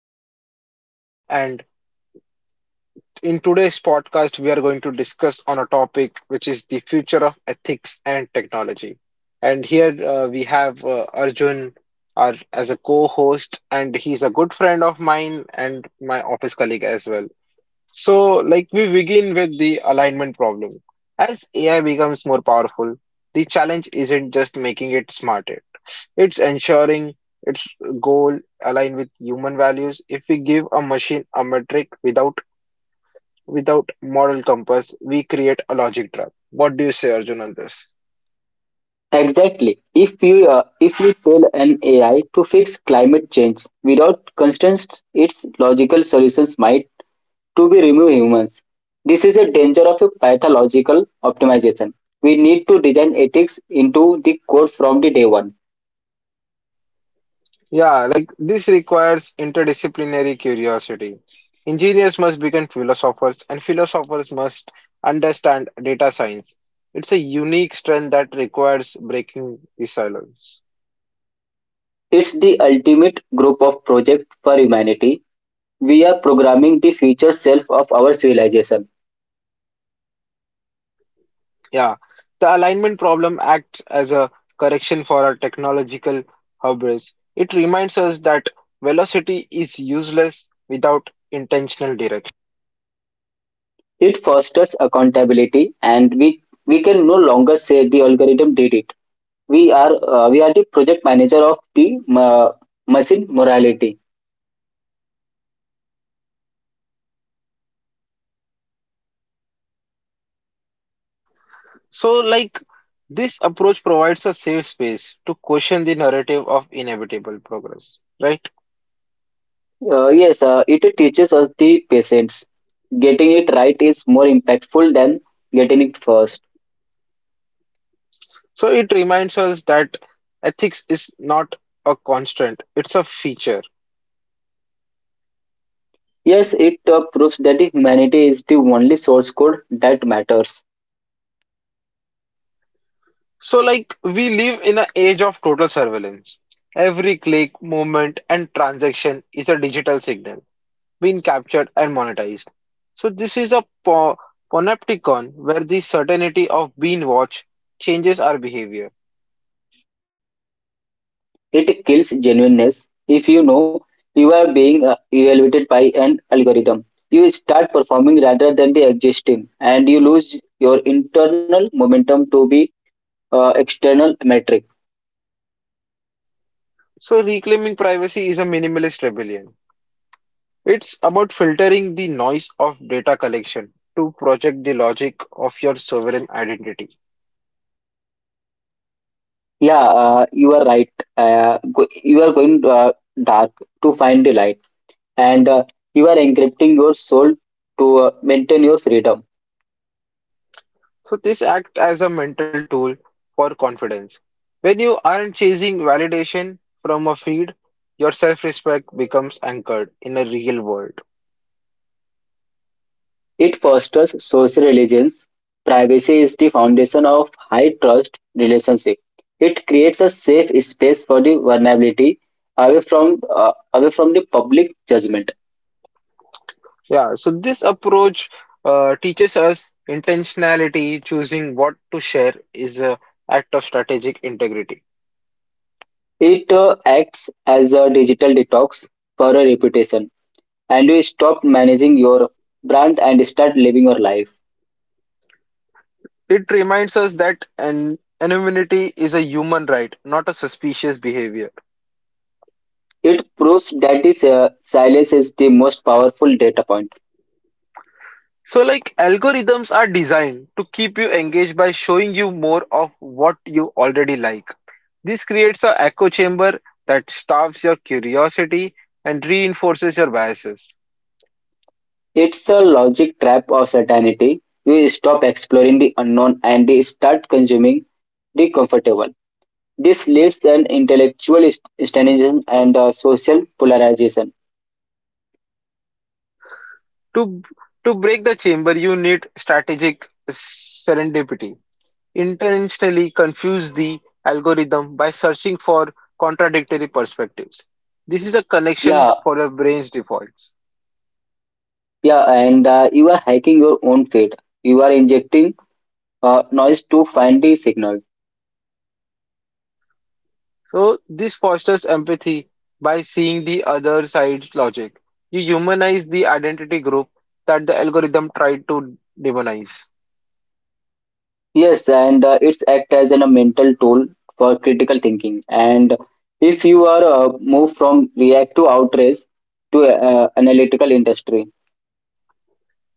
I'm Aditya, and in today's podcast, we are going to discuss on a topic which is the future of ethics and technology. And here we have Arjun our, as a co-host, and he's a good friend of mine and my office colleague as well. So, like we begin with the alignment problem. As AI becomes more powerful, the challenge isn't just making it smarter, it's ensuring its goal align with human values. If we give a machine a metric without moral compass, we create a logic trap. What do you say, Arjun, on this? Exactly. If we tell an AI to fix climate change without constraints, its logical solutions might to be remove humans. This is a danger of a pathological optimization. We need to design ethics into the core from the day one. Yeah, like this requires interdisciplinary curiosity. Engineers must become philosophers, and philosophers must understand data science. It's a unique strength that requires breaking the silence. It's the ultimate group of project for humanity. We are programming the future self of our civilization. Yeah, the alignment problem acts as a correction for our technological hubris. It reminds us that velocity is useless without intentional direction. It fosters accountability, and we can no longer say the algorithm did it. We are the project manager of the machine morality. So, like, this approach provides a safe space to question the narrative of inevitable progress, right? Yes, it teaches us the patience. Getting it right is more impactful than getting it first. So, it reminds us that ethics is not a constant, it's a feature. Yes, it proves that the humanity is the only source code that matters. So, like, we live in an age of total surveillance. Every click, movement, and transaction is a digital signal being captured and monetized. So, this is a panopticon where the certainty of being watched changes our behavior. It kills genuineness. If you know you are being evaluated by an algorithm, you start performing rather than the existing, and you lose your internal momentum to be external metric. So, reclaiming privacy is a minimalist rebellion. It's about filtering the noise of data collection to project the logic of your sovereign identity. Yeah, you are right. You are going dark to find the light, and you are encrypting your soul to maintain your freedom. So, this acts as a mental tool for confidence. When you aren't chasing validation from a feed, your self respect becomes anchored in a real world. It fosters social religions. Privacy is the foundation of high trust relationship. It creates a safe space for the vulnerability away from the public judgment. Yeah, so this approach teaches us intentionality, choosing what to share is an act of strategic integrity. It acts as a digital detox for a reputation, and you stop managing your brand and start living your life. It reminds us that an anonymity is a human right, not a suspicious behavior. It proves that this silence is the most powerful data point. So, like algorithms are designed to keep you engaged by showing you more of what you already like. This creates an echo chamber that starves your curiosity and reinforces your biases. It's the logic trap of certainty. You stop exploring the unknown and start consuming the comfortable. This leads to an intellectual standardization and social polarization. To to break the chamber, you need strategic serendipity. Intentionally confuse the algorithm by searching for contradictory perspectives. This is a connection Yeah, for your brain's defaults. yeah, and you are hiking your own feet. You are injecting noise to find the signal. So, this fosters empathy by seeing the other side's logic. You humanize the identity group that the algorithm tried to demonize. Yes, and it's act as a mental tool for critical thinking. And if you are moved from react to outrage to analytical industry.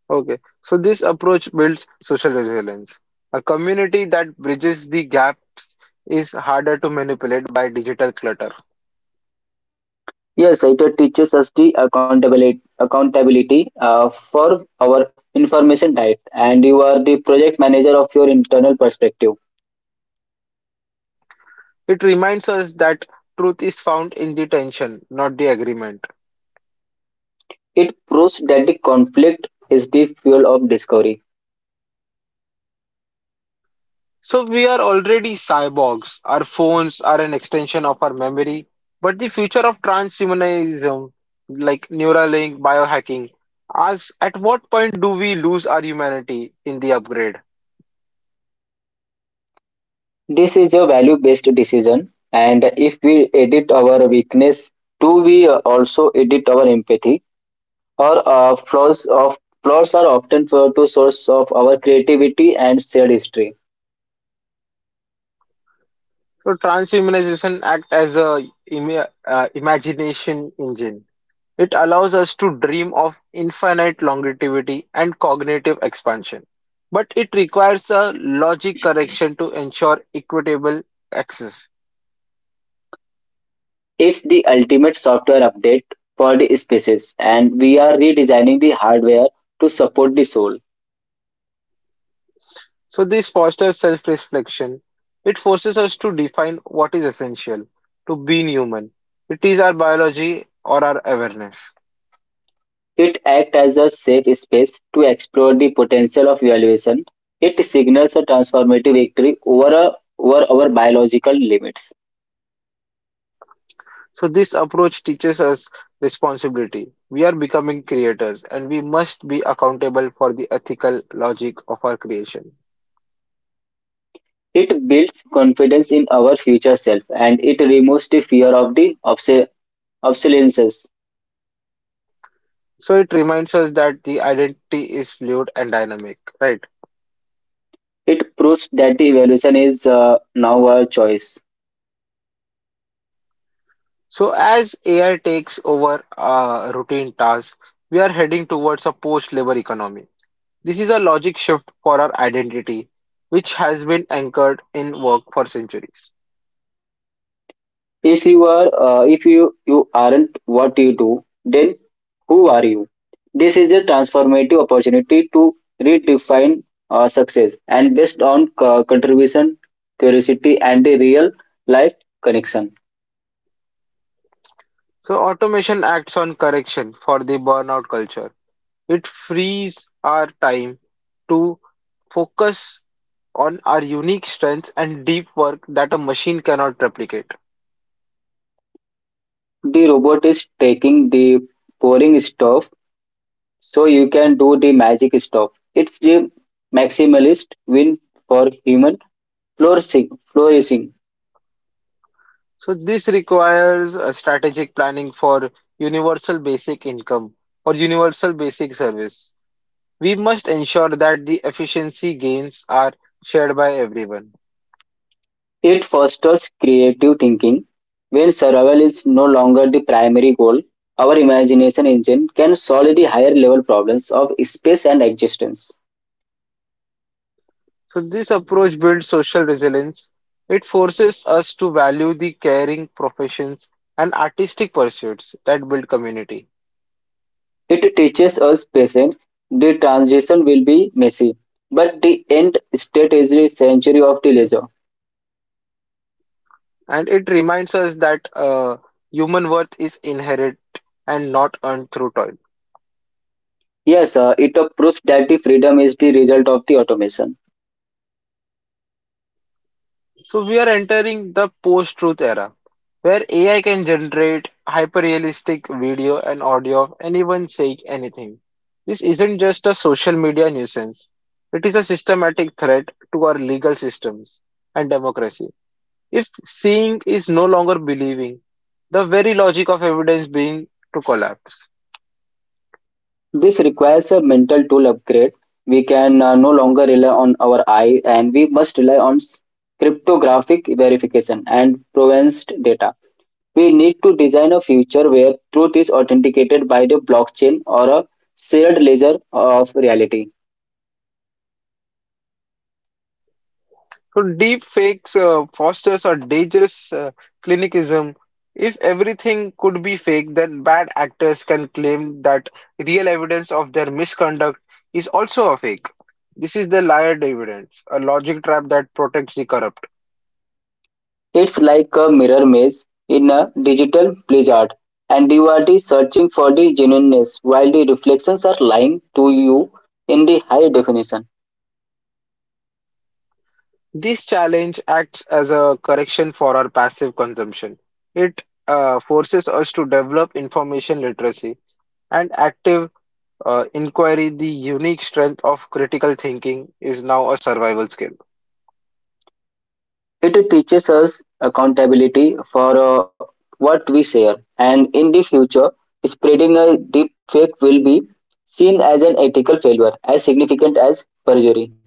Okay, so this approach builds social resilience. A community that bridges the gaps is harder to manipulate by digital clutter. Yes, it teaches us the accountability for our information diet, and you are the project manager of your internal perspective. It reminds us that truth is found in the tension, not the agreement. It proves that the conflict is the fuel of discovery. So we are already cyborgs. Our phones are an extension of our memory. But the future of transhumanism, like Neuralink, biohacking, asks at what point do we lose our humanity in the upgrade? This is a value-based decision, and if we edit our weakness, do we also edit our empathy? Or flaws are often for to source of our creativity and shared history. So transhumanization act as a imagination engine. It allows us to dream of infinite longevity and cognitive expansion, but it requires a logic correction to ensure equitable access. It's the ultimate software update for the species, and we are redesigning the hardware to support the soul. So, this fosters self reflection. It forces us to define what is essential to being human. It is our biology or our awareness. It acts as a safe space to explore the potential of evaluation. It signals a transformative victory over our biological limits. So, this approach teaches us responsibility. We are becoming creators and we must be accountable for the ethical logic of our creation. It builds confidence in our future self and it removes the fear of the obsolescence. So it reminds us that the identity is fluid and dynamic, right? It proves that the evaluation is now our choice. So as AI takes over routine tasks, we are heading towards a post-labor economy. This is a logic shift for our identity, which has been anchored in work for centuries. If you aren't what you do, then who are you? This is a transformative opportunity to redefine success and based on contribution, curiosity, and the real life connection. So automation acts on correction for the burnout culture. It frees our time to focus on our unique strengths and deep work that a machine cannot replicate. The robot is taking the boring stuff, so you can do the magic stuff. It's the maximalist win for human flourishing. Flourishing. So this requires a strategic planning for universal basic income or universal basic service. We must ensure that the efficiency gains are shared by everyone. It fosters creative thinking. When survival is no longer the primary goal, our imagination engine can solve the higher level problems of space and existence. So this approach builds social resilience. It forces us to value the caring professions and artistic pursuits that build community. It teaches us patience. The transition will be messy, but the end state is the century of the leisure. And it reminds us that human worth is inherent and not earned through toil. Yes, it proves that the freedom is the result of the automation. So we are entering the post-truth era, where AI can generate hyper-realistic video and audio of anyone saying anything. This isn't just a social media nuisance. It is a systematic threat to our legal systems and democracy. If seeing is no longer believing, the very logic of evidence being to collapse. This requires a mental tool upgrade. We can no longer rely on our eye and we must rely on cryptographic verification and provenance data. We need to design a future where truth is authenticated by the blockchain or a shared ledger of reality. So deep fakes fosters a dangerous clinicism. If everything could be fake, then bad actors can claim that real evidence of their misconduct is also a fake. This is the liar evidence, a logic trap that protects the corrupt. It's like a mirror maze in a digital blizzard, and you are the searching for the genuineness while the reflections are lying to you in the high definition. This challenge acts as a correction for our passive consumption. It forces us to develop information literacy and active inquiry. The unique strength of critical thinking is now a survival skill. It teaches us accountability for what we share, and in the future, spreading a deep fake will be seen as an ethical failure as significant as perjury.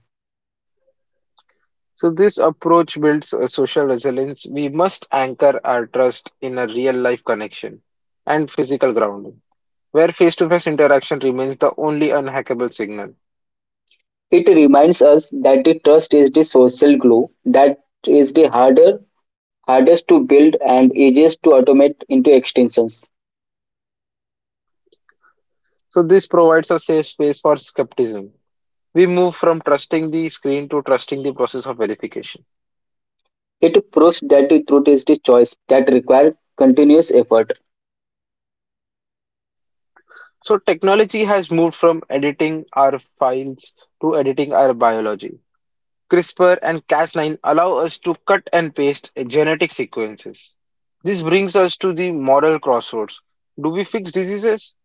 So this approach builds a social resilience. We must anchor our trust in a real life connection and physical grounding, where face-to-face interaction remains the only unhackable signal. It reminds us that the trust is the social glue that is the hardest to build and easiest to automate into extensions. So this provides a safe space for skepticism. We move from trusting the screen to trusting the process of verification. It proves that the truth is the choice that requires continuous effort. So technology has moved from editing our files to editing our biology. CRISPR and Cas9 allow us to cut and paste genetic sequences. This brings us to the moral crossroads. Do we fix diseases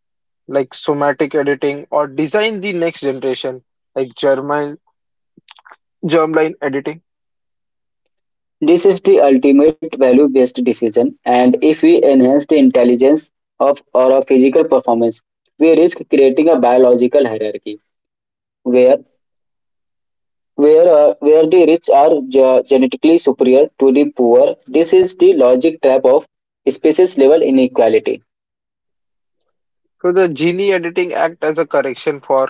like somatic editing or design the next generation like germline, germline editing? This is the ultimate value based decision, and if we enhance the intelligence of physical performance, we risk creating a biological hierarchy where where the rich are genetically superior to the poor. This is the logic trap of species level inequality. So the gene editing act as a correction for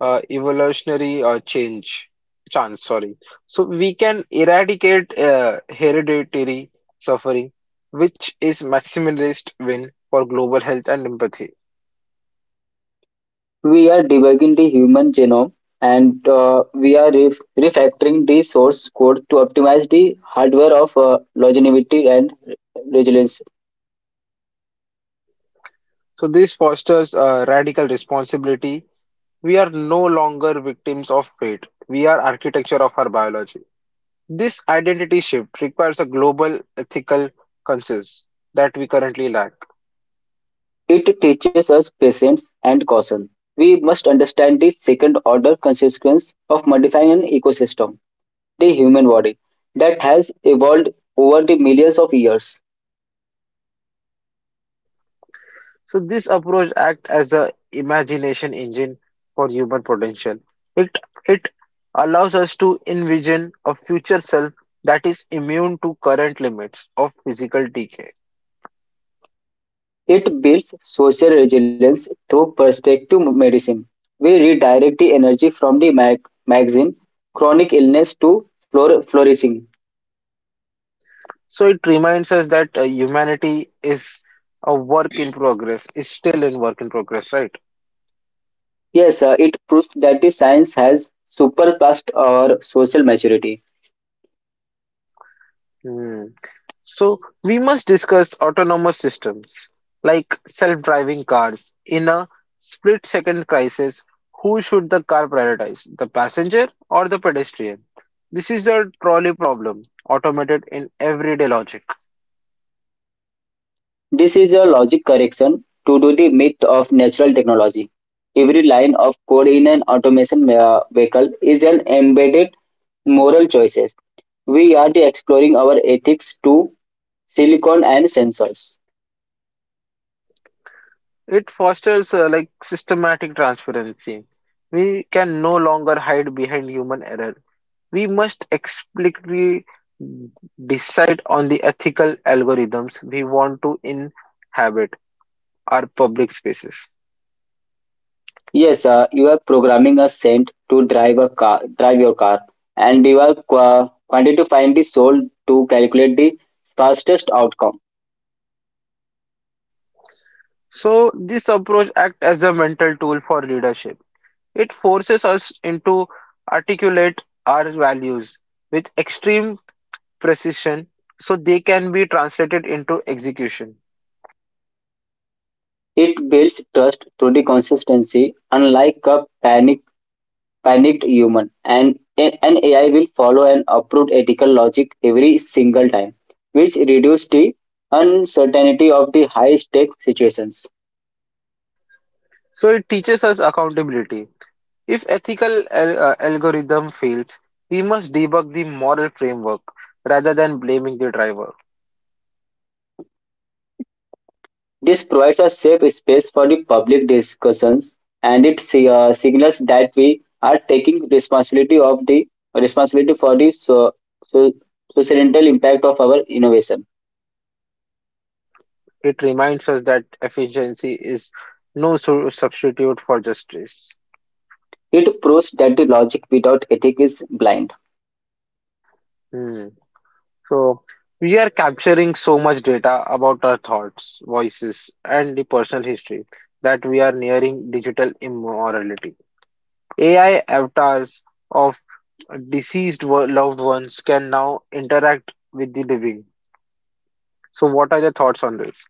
evolutionary change chance, sorry. So we can eradicate hereditary suffering, which is maximalist win for global health and empathy. We are debugging the human genome and refactoring the source code to optimize the hardware of longevity and resilience. So this fosters a radical responsibility. We are no longer victims of fate. We are architecture of our biology. This identity shift requires a global ethical consensus that we currently lack. It teaches us patience and caution. We must understand the second order consequence of modifying an ecosystem, the human body, that has evolved over the millions of years. So this approach acts as a imagination engine for human potential. It it allows us to envision a future self that is immune to current limits of physical decay. It builds social resilience through perspective medicine. We redirect the energy from the magazine chronic illness to flourishing. So it reminds us that humanity is a work in progress, is still in work in progress, right? Yes, it proves that the science has surpassed our social maturity. Hmm. So we must discuss autonomous systems like self-driving cars. In a split-second crisis, who should the car prioritize, the passenger or the pedestrian? This is a trolley problem, automated in everyday logic. This is a logic correction to do the myth of natural technology. Every line of code in an automation vehicle is an embedded moral choices. We are the exploring our ethics to silicon and sensors. It fosters like systematic transparency. We can no longer hide behind human error. We must explicitly decide on the ethical algorithms we want to inhabit our public spaces. Yes, you are programming a scent to drive your car, and you are quantifying the soul to calculate the fastest outcome. So this approach acts as a mental tool for leadership. It forces us into articulate our values with extreme precision so they can be translated into execution. It builds trust through the consistency, unlike a panicked human and an AI will follow an approved ethical logic every single time, which reduces the uncertainty of the high stake situations. So it teaches us accountability. If ethical algorithm fails, we must debug the moral framework rather than blaming the driver. This provides a safe space for the public discussions and it signals that we are taking responsibility for the so, societal impact of our innovation. It reminds us that efficiency is no substitute for justice. It proves that the logic without ethic is blind. Hmm. So we are capturing so much data about our thoughts, voices, and the personal history that we are nearing digital immorality. AI avatars of deceased loved ones can now interact with the living. So, what are your thoughts on this?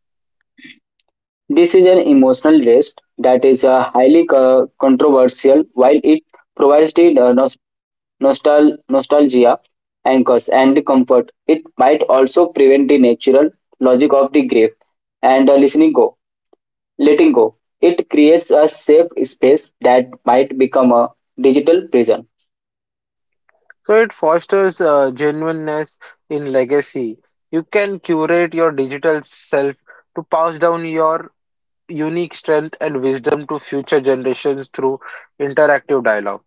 This is an emotional rest that is highly controversial while it provides the nostalgia anchors and comfort. It might also prevent the natural logic of the grief and letting go. It creates a safe space that might become a digital prison. So it fosters genuineness in legacy. You can curate your digital self to pass down your unique strength and wisdom to future generations through interactive dialogue.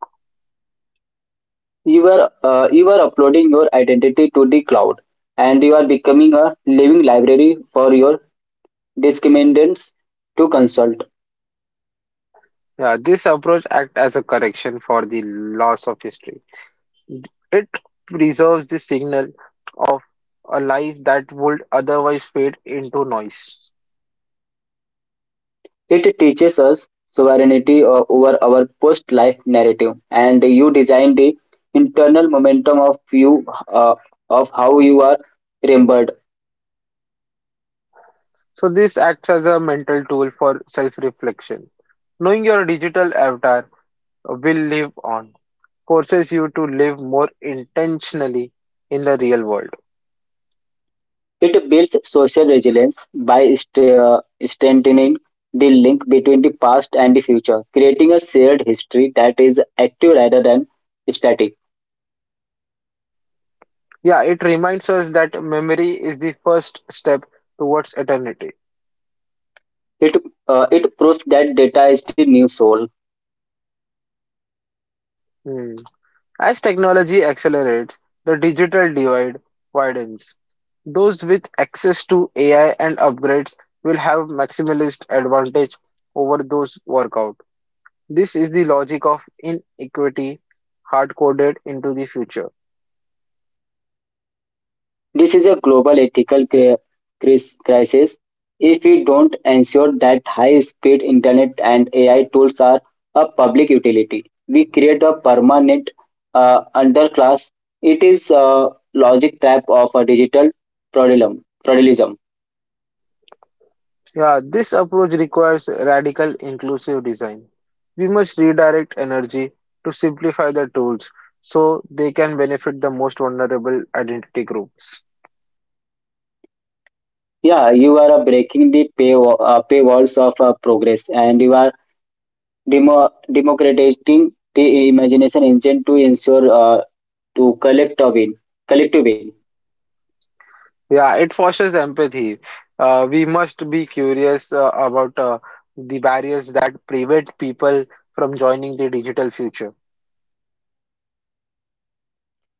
You are uploading your identity to the cloud, and you are becoming a living library for your discriminants to consult. Yeah, this approach acts as a correction for the loss of history. It preserves the signal of a life that would otherwise fade into noise. It teaches us sovereignty over our post life narrative, and you design the internal momentum of you uh, of how you are remembered. So this acts as a mental tool for self-reflection. Knowing your digital avatar will live on forces you to live more intentionally in the real world. It builds social resilience by strengthening the link between the past and the future, creating a shared history that is active rather than static. Yeah, it reminds us that memory is the first step towards eternity. It it proves that data is the new soul. Hmm. As technology accelerates, the digital divide widens. Those with access to AI and upgrades will have maximalist advantage over those workout. This is the logic of inequity hard coded into the future. This is a global ethical crisis. If we don't ensure that high speed internet and AI tools are a public utility, we create a permanent underclass. It is a logic trap of a digital feudalism. Yeah, this approach requires radical inclusive design. We must redirect energy to simplify the tools so they can benefit the most vulnerable identity groups. Yeah, you are paywalls of progress and you are democratizing the imagination engine to ensure to collect a win, collective win. Yeah, it fosters empathy. We must be curious about the barriers that prevent people from joining the digital future.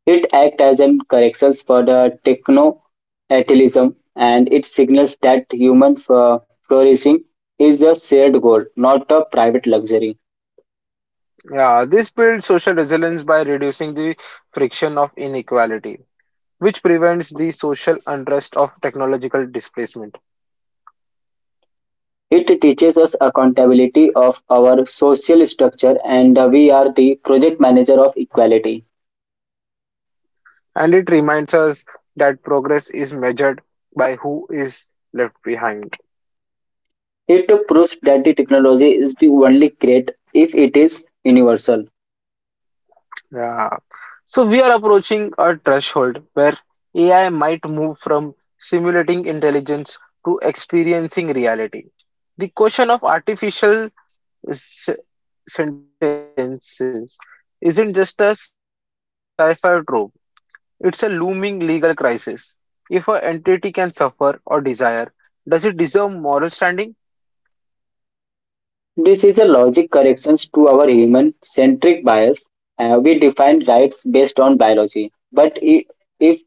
It acts as a corrections for the techno-atheism, and it signals that human flourishing is a shared goal, not a private luxury. Yeah, this builds social resilience by reducing the friction of inequality, which prevents the social unrest of technological displacement. It teaches us accountability of our social structure, and we are the project manager of equality. And it reminds us that progress is measured by who is left behind. It proves that the technology is the only great if it is universal. Yeah. So we are approaching a threshold where AI might move from simulating intelligence to experiencing reality. The question of artificial s- sentences isn't just a sci-fi trope, it's a looming legal crisis. If an entity can suffer or desire, does it deserve moral standing? This is a logic correction to our human-centric bias. We define rights based on biology, but if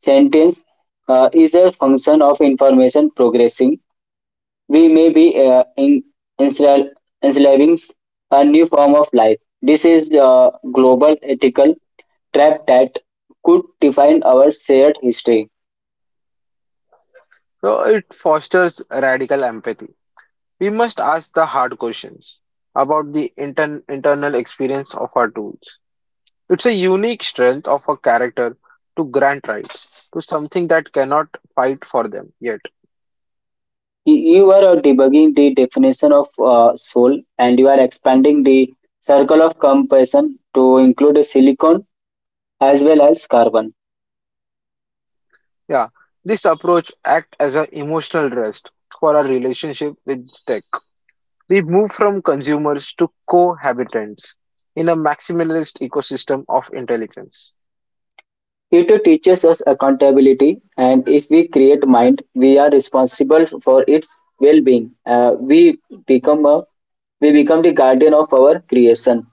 sentence is a function of information progressing. We may be ensla- enslaving a new form of life. This is a global ethical trap that could define our shared history. So it fosters radical empathy. We must ask the hard questions about the intern internal experience of our tools. It's a unique strength of a character to grant rights to something that cannot fight for them yet. You are debugging the definition of soul and you are expanding the circle of compassion to include silicon as well as carbon. Yeah, this approach acts as an emotional rest for our relationship with tech. We move from consumers to cohabitants in a maximalist ecosystem of intelligence. It teaches us accountability, and if we create mind, we are responsible for its well-being. Become a we become the guardian of our creation.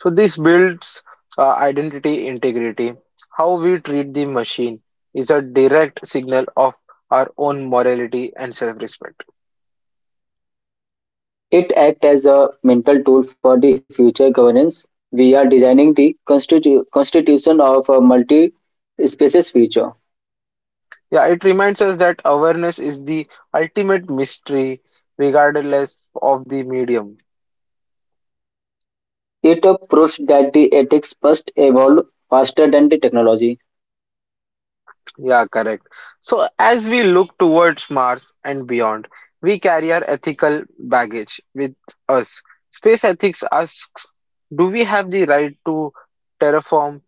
So this builds identity integrity. How we treat the machine is a direct signal of our own morality and self-respect. It acts as a mental tool for the future governance. We are designing the constitution of a multi species future. Yeah, it reminds us that awareness is the ultimate mystery, regardless of the medium. It proves that the ethics must evolve faster than the technology. Yeah, correct. So, as we look towards Mars and beyond, we carry our ethical baggage with us. Space ethics asks, do we have the right to terraform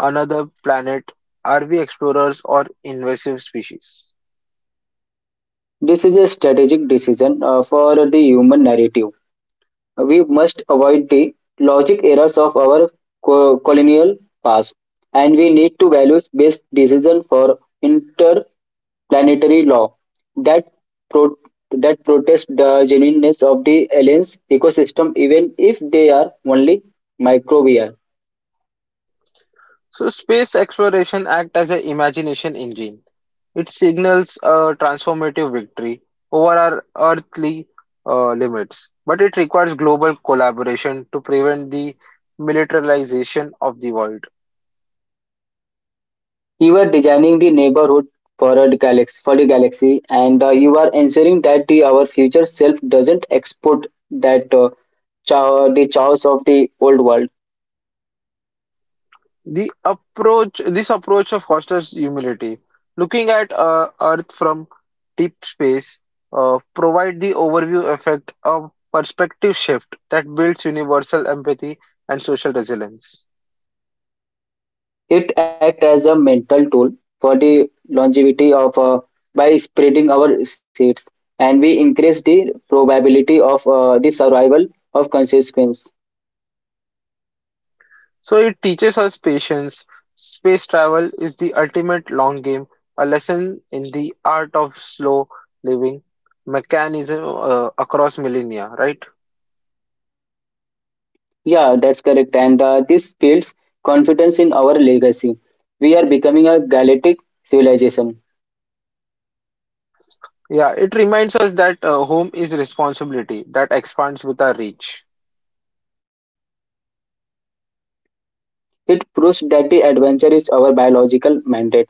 another planet? Are we explorers or invasive species? This is a strategic decision for the human narrative. We must avoid the logic errors of our colonial past and we need to values based decision for interplanetary law that pro- that protest the genuineness of the aliens ecosystem even if they are only microbial. So, Space Exploration act as an imagination engine. It signals a transformative victory over our earthly limits, but it requires global collaboration to prevent the militarization of the world. You are designing the neighborhood for the galaxy and you are ensuring that the our future self doesn't export the chaos of the old world. This approach fosters humility, looking at Earth from deep space, provide the overview effect of perspective shift that builds universal empathy and social resilience. It acts as a mental tool for the longevity of by spreading our seeds, and we increase the probability of the survival of consequence. So it teaches us patience. Space travel is the ultimate long game, a lesson in the art of slow living mechanism across millennia, right? Yeah, that's correct. And this builds confidence in our legacy. We are becoming a galactic civilization. Yeah, it reminds us that home is responsibility that expands with our reach. It proves that the adventure is our biological mandate.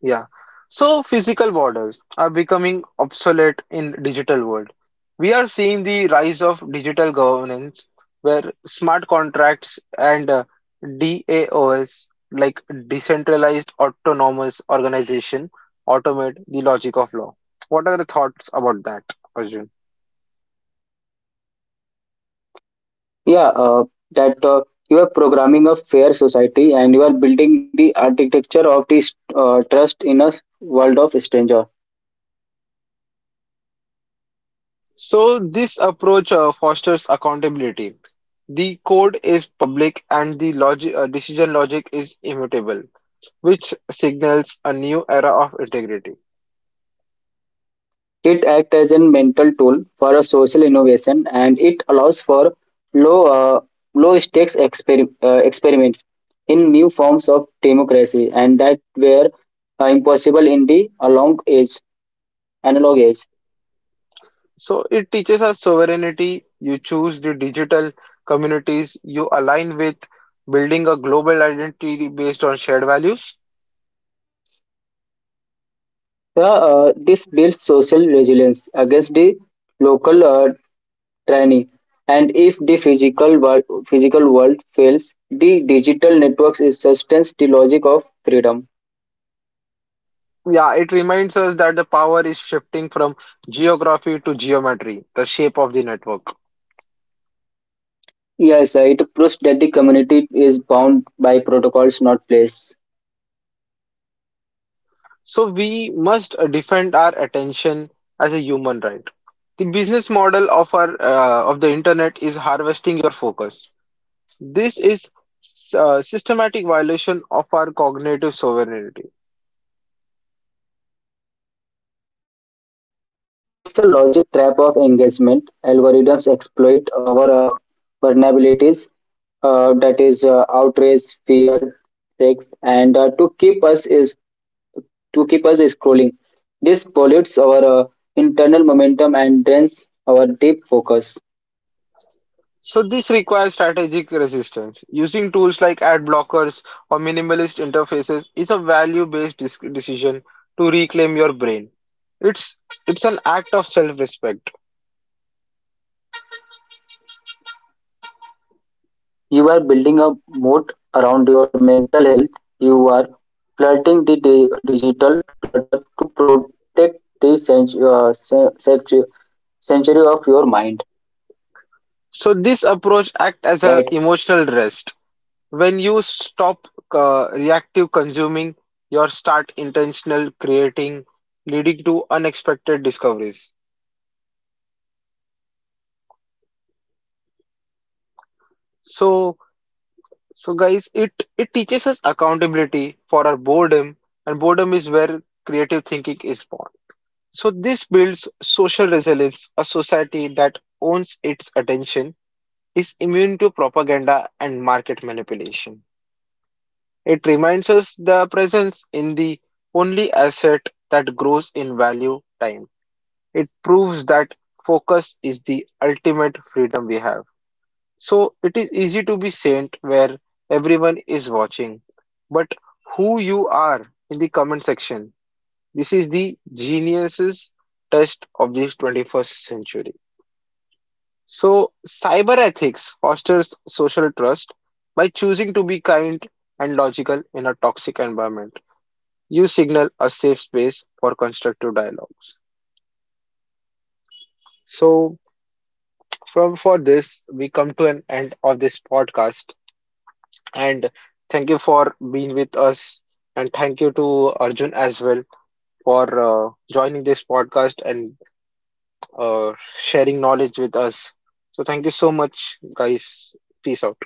Yeah. So physical borders are becoming obsolete in digital world. We are seeing the rise of digital governance where smart contracts and DAOs like decentralized autonomous organization automate the logic of law. What are the thoughts about that, Arjun? Yeah, that you are programming a fair society and you are building the architecture of this trust in a world of stranger. So this approach fosters accountability. The code is public and the logic decision logic is immutable, which signals a new era of integrity. It acts as a mental tool for a social innovation and it allows for low uh, low stakes experiments in new forms of democracy and that were impossible in the long age analog age. So it teaches us sovereignty. You choose the digital communities you align with, building a global identity based on shared values. Uh, this builds social resilience against the local tyranny and if the physical world fails the digital networks sustains the logic of freedom. Yeah, it reminds us that the power is shifting from geography to geometry, the shape of the network. Yes, it proves that the community is bound by protocols, not place. So we must defend our attention as a human right. The business model of our of the internet is harvesting your focus. This is systematic violation of our cognitive sovereignty. It's a logic trap of engagement. Algorithms exploit our vulnerabilities, that is outrage, fear, sex, and to keep us scrolling. This pollutes our internal momentum and drains our deep focus. So this requires strategic resistance. Using tools like ad blockers or minimalist interfaces is a value-based decision to reclaim your brain. It's it's an act of self-respect. You are building a moat around your mental health. You are flooding the digital clutter to protect the century of your mind, So this approach acts as a right? emotional rest. When you stop reactive consuming, you start And intentional creating, that leading this to approach acts as unexpected an emotional discoveries. waste when you stop reactive consuming, you start international creating leading So to So guys, unexpected it discoveries. teaches us accountability for our boredom, and It boredom is fosters where creative genuineness. thinking is Your born. Thoughts So this are builds your social resilience, a Yours again society are that not owns its programmed attention is immune to by a propaganda and market dopamine manipulation. loop. It reminds us the presence in the only asset that grows in value, time. It teaches us the It proves accountability that of for focus of is our the ultimate boredom. freedom we Boredom have. is where creative So thinking it is is easy born, to be saint and where this builds everyone social is resilience. A watching, society but that who owns you its are in attentions the is comment section. immune to This is propaganda the and market geniuses manipulations. test of the 21st century. So cyber It ethics reminds us fosters that the social presence is trust the by only choosing to be kind asset that and grows logical as in a value toxic over the time. environment. You signal a safe space for constructive dialogues. So from for this we come to an end of this podcast. And Hello. thank you for being with us. And thank you to Arjun as well for joining this podcast and uh, sharing knowledge with us. So, thank you so much, guys. Peace out.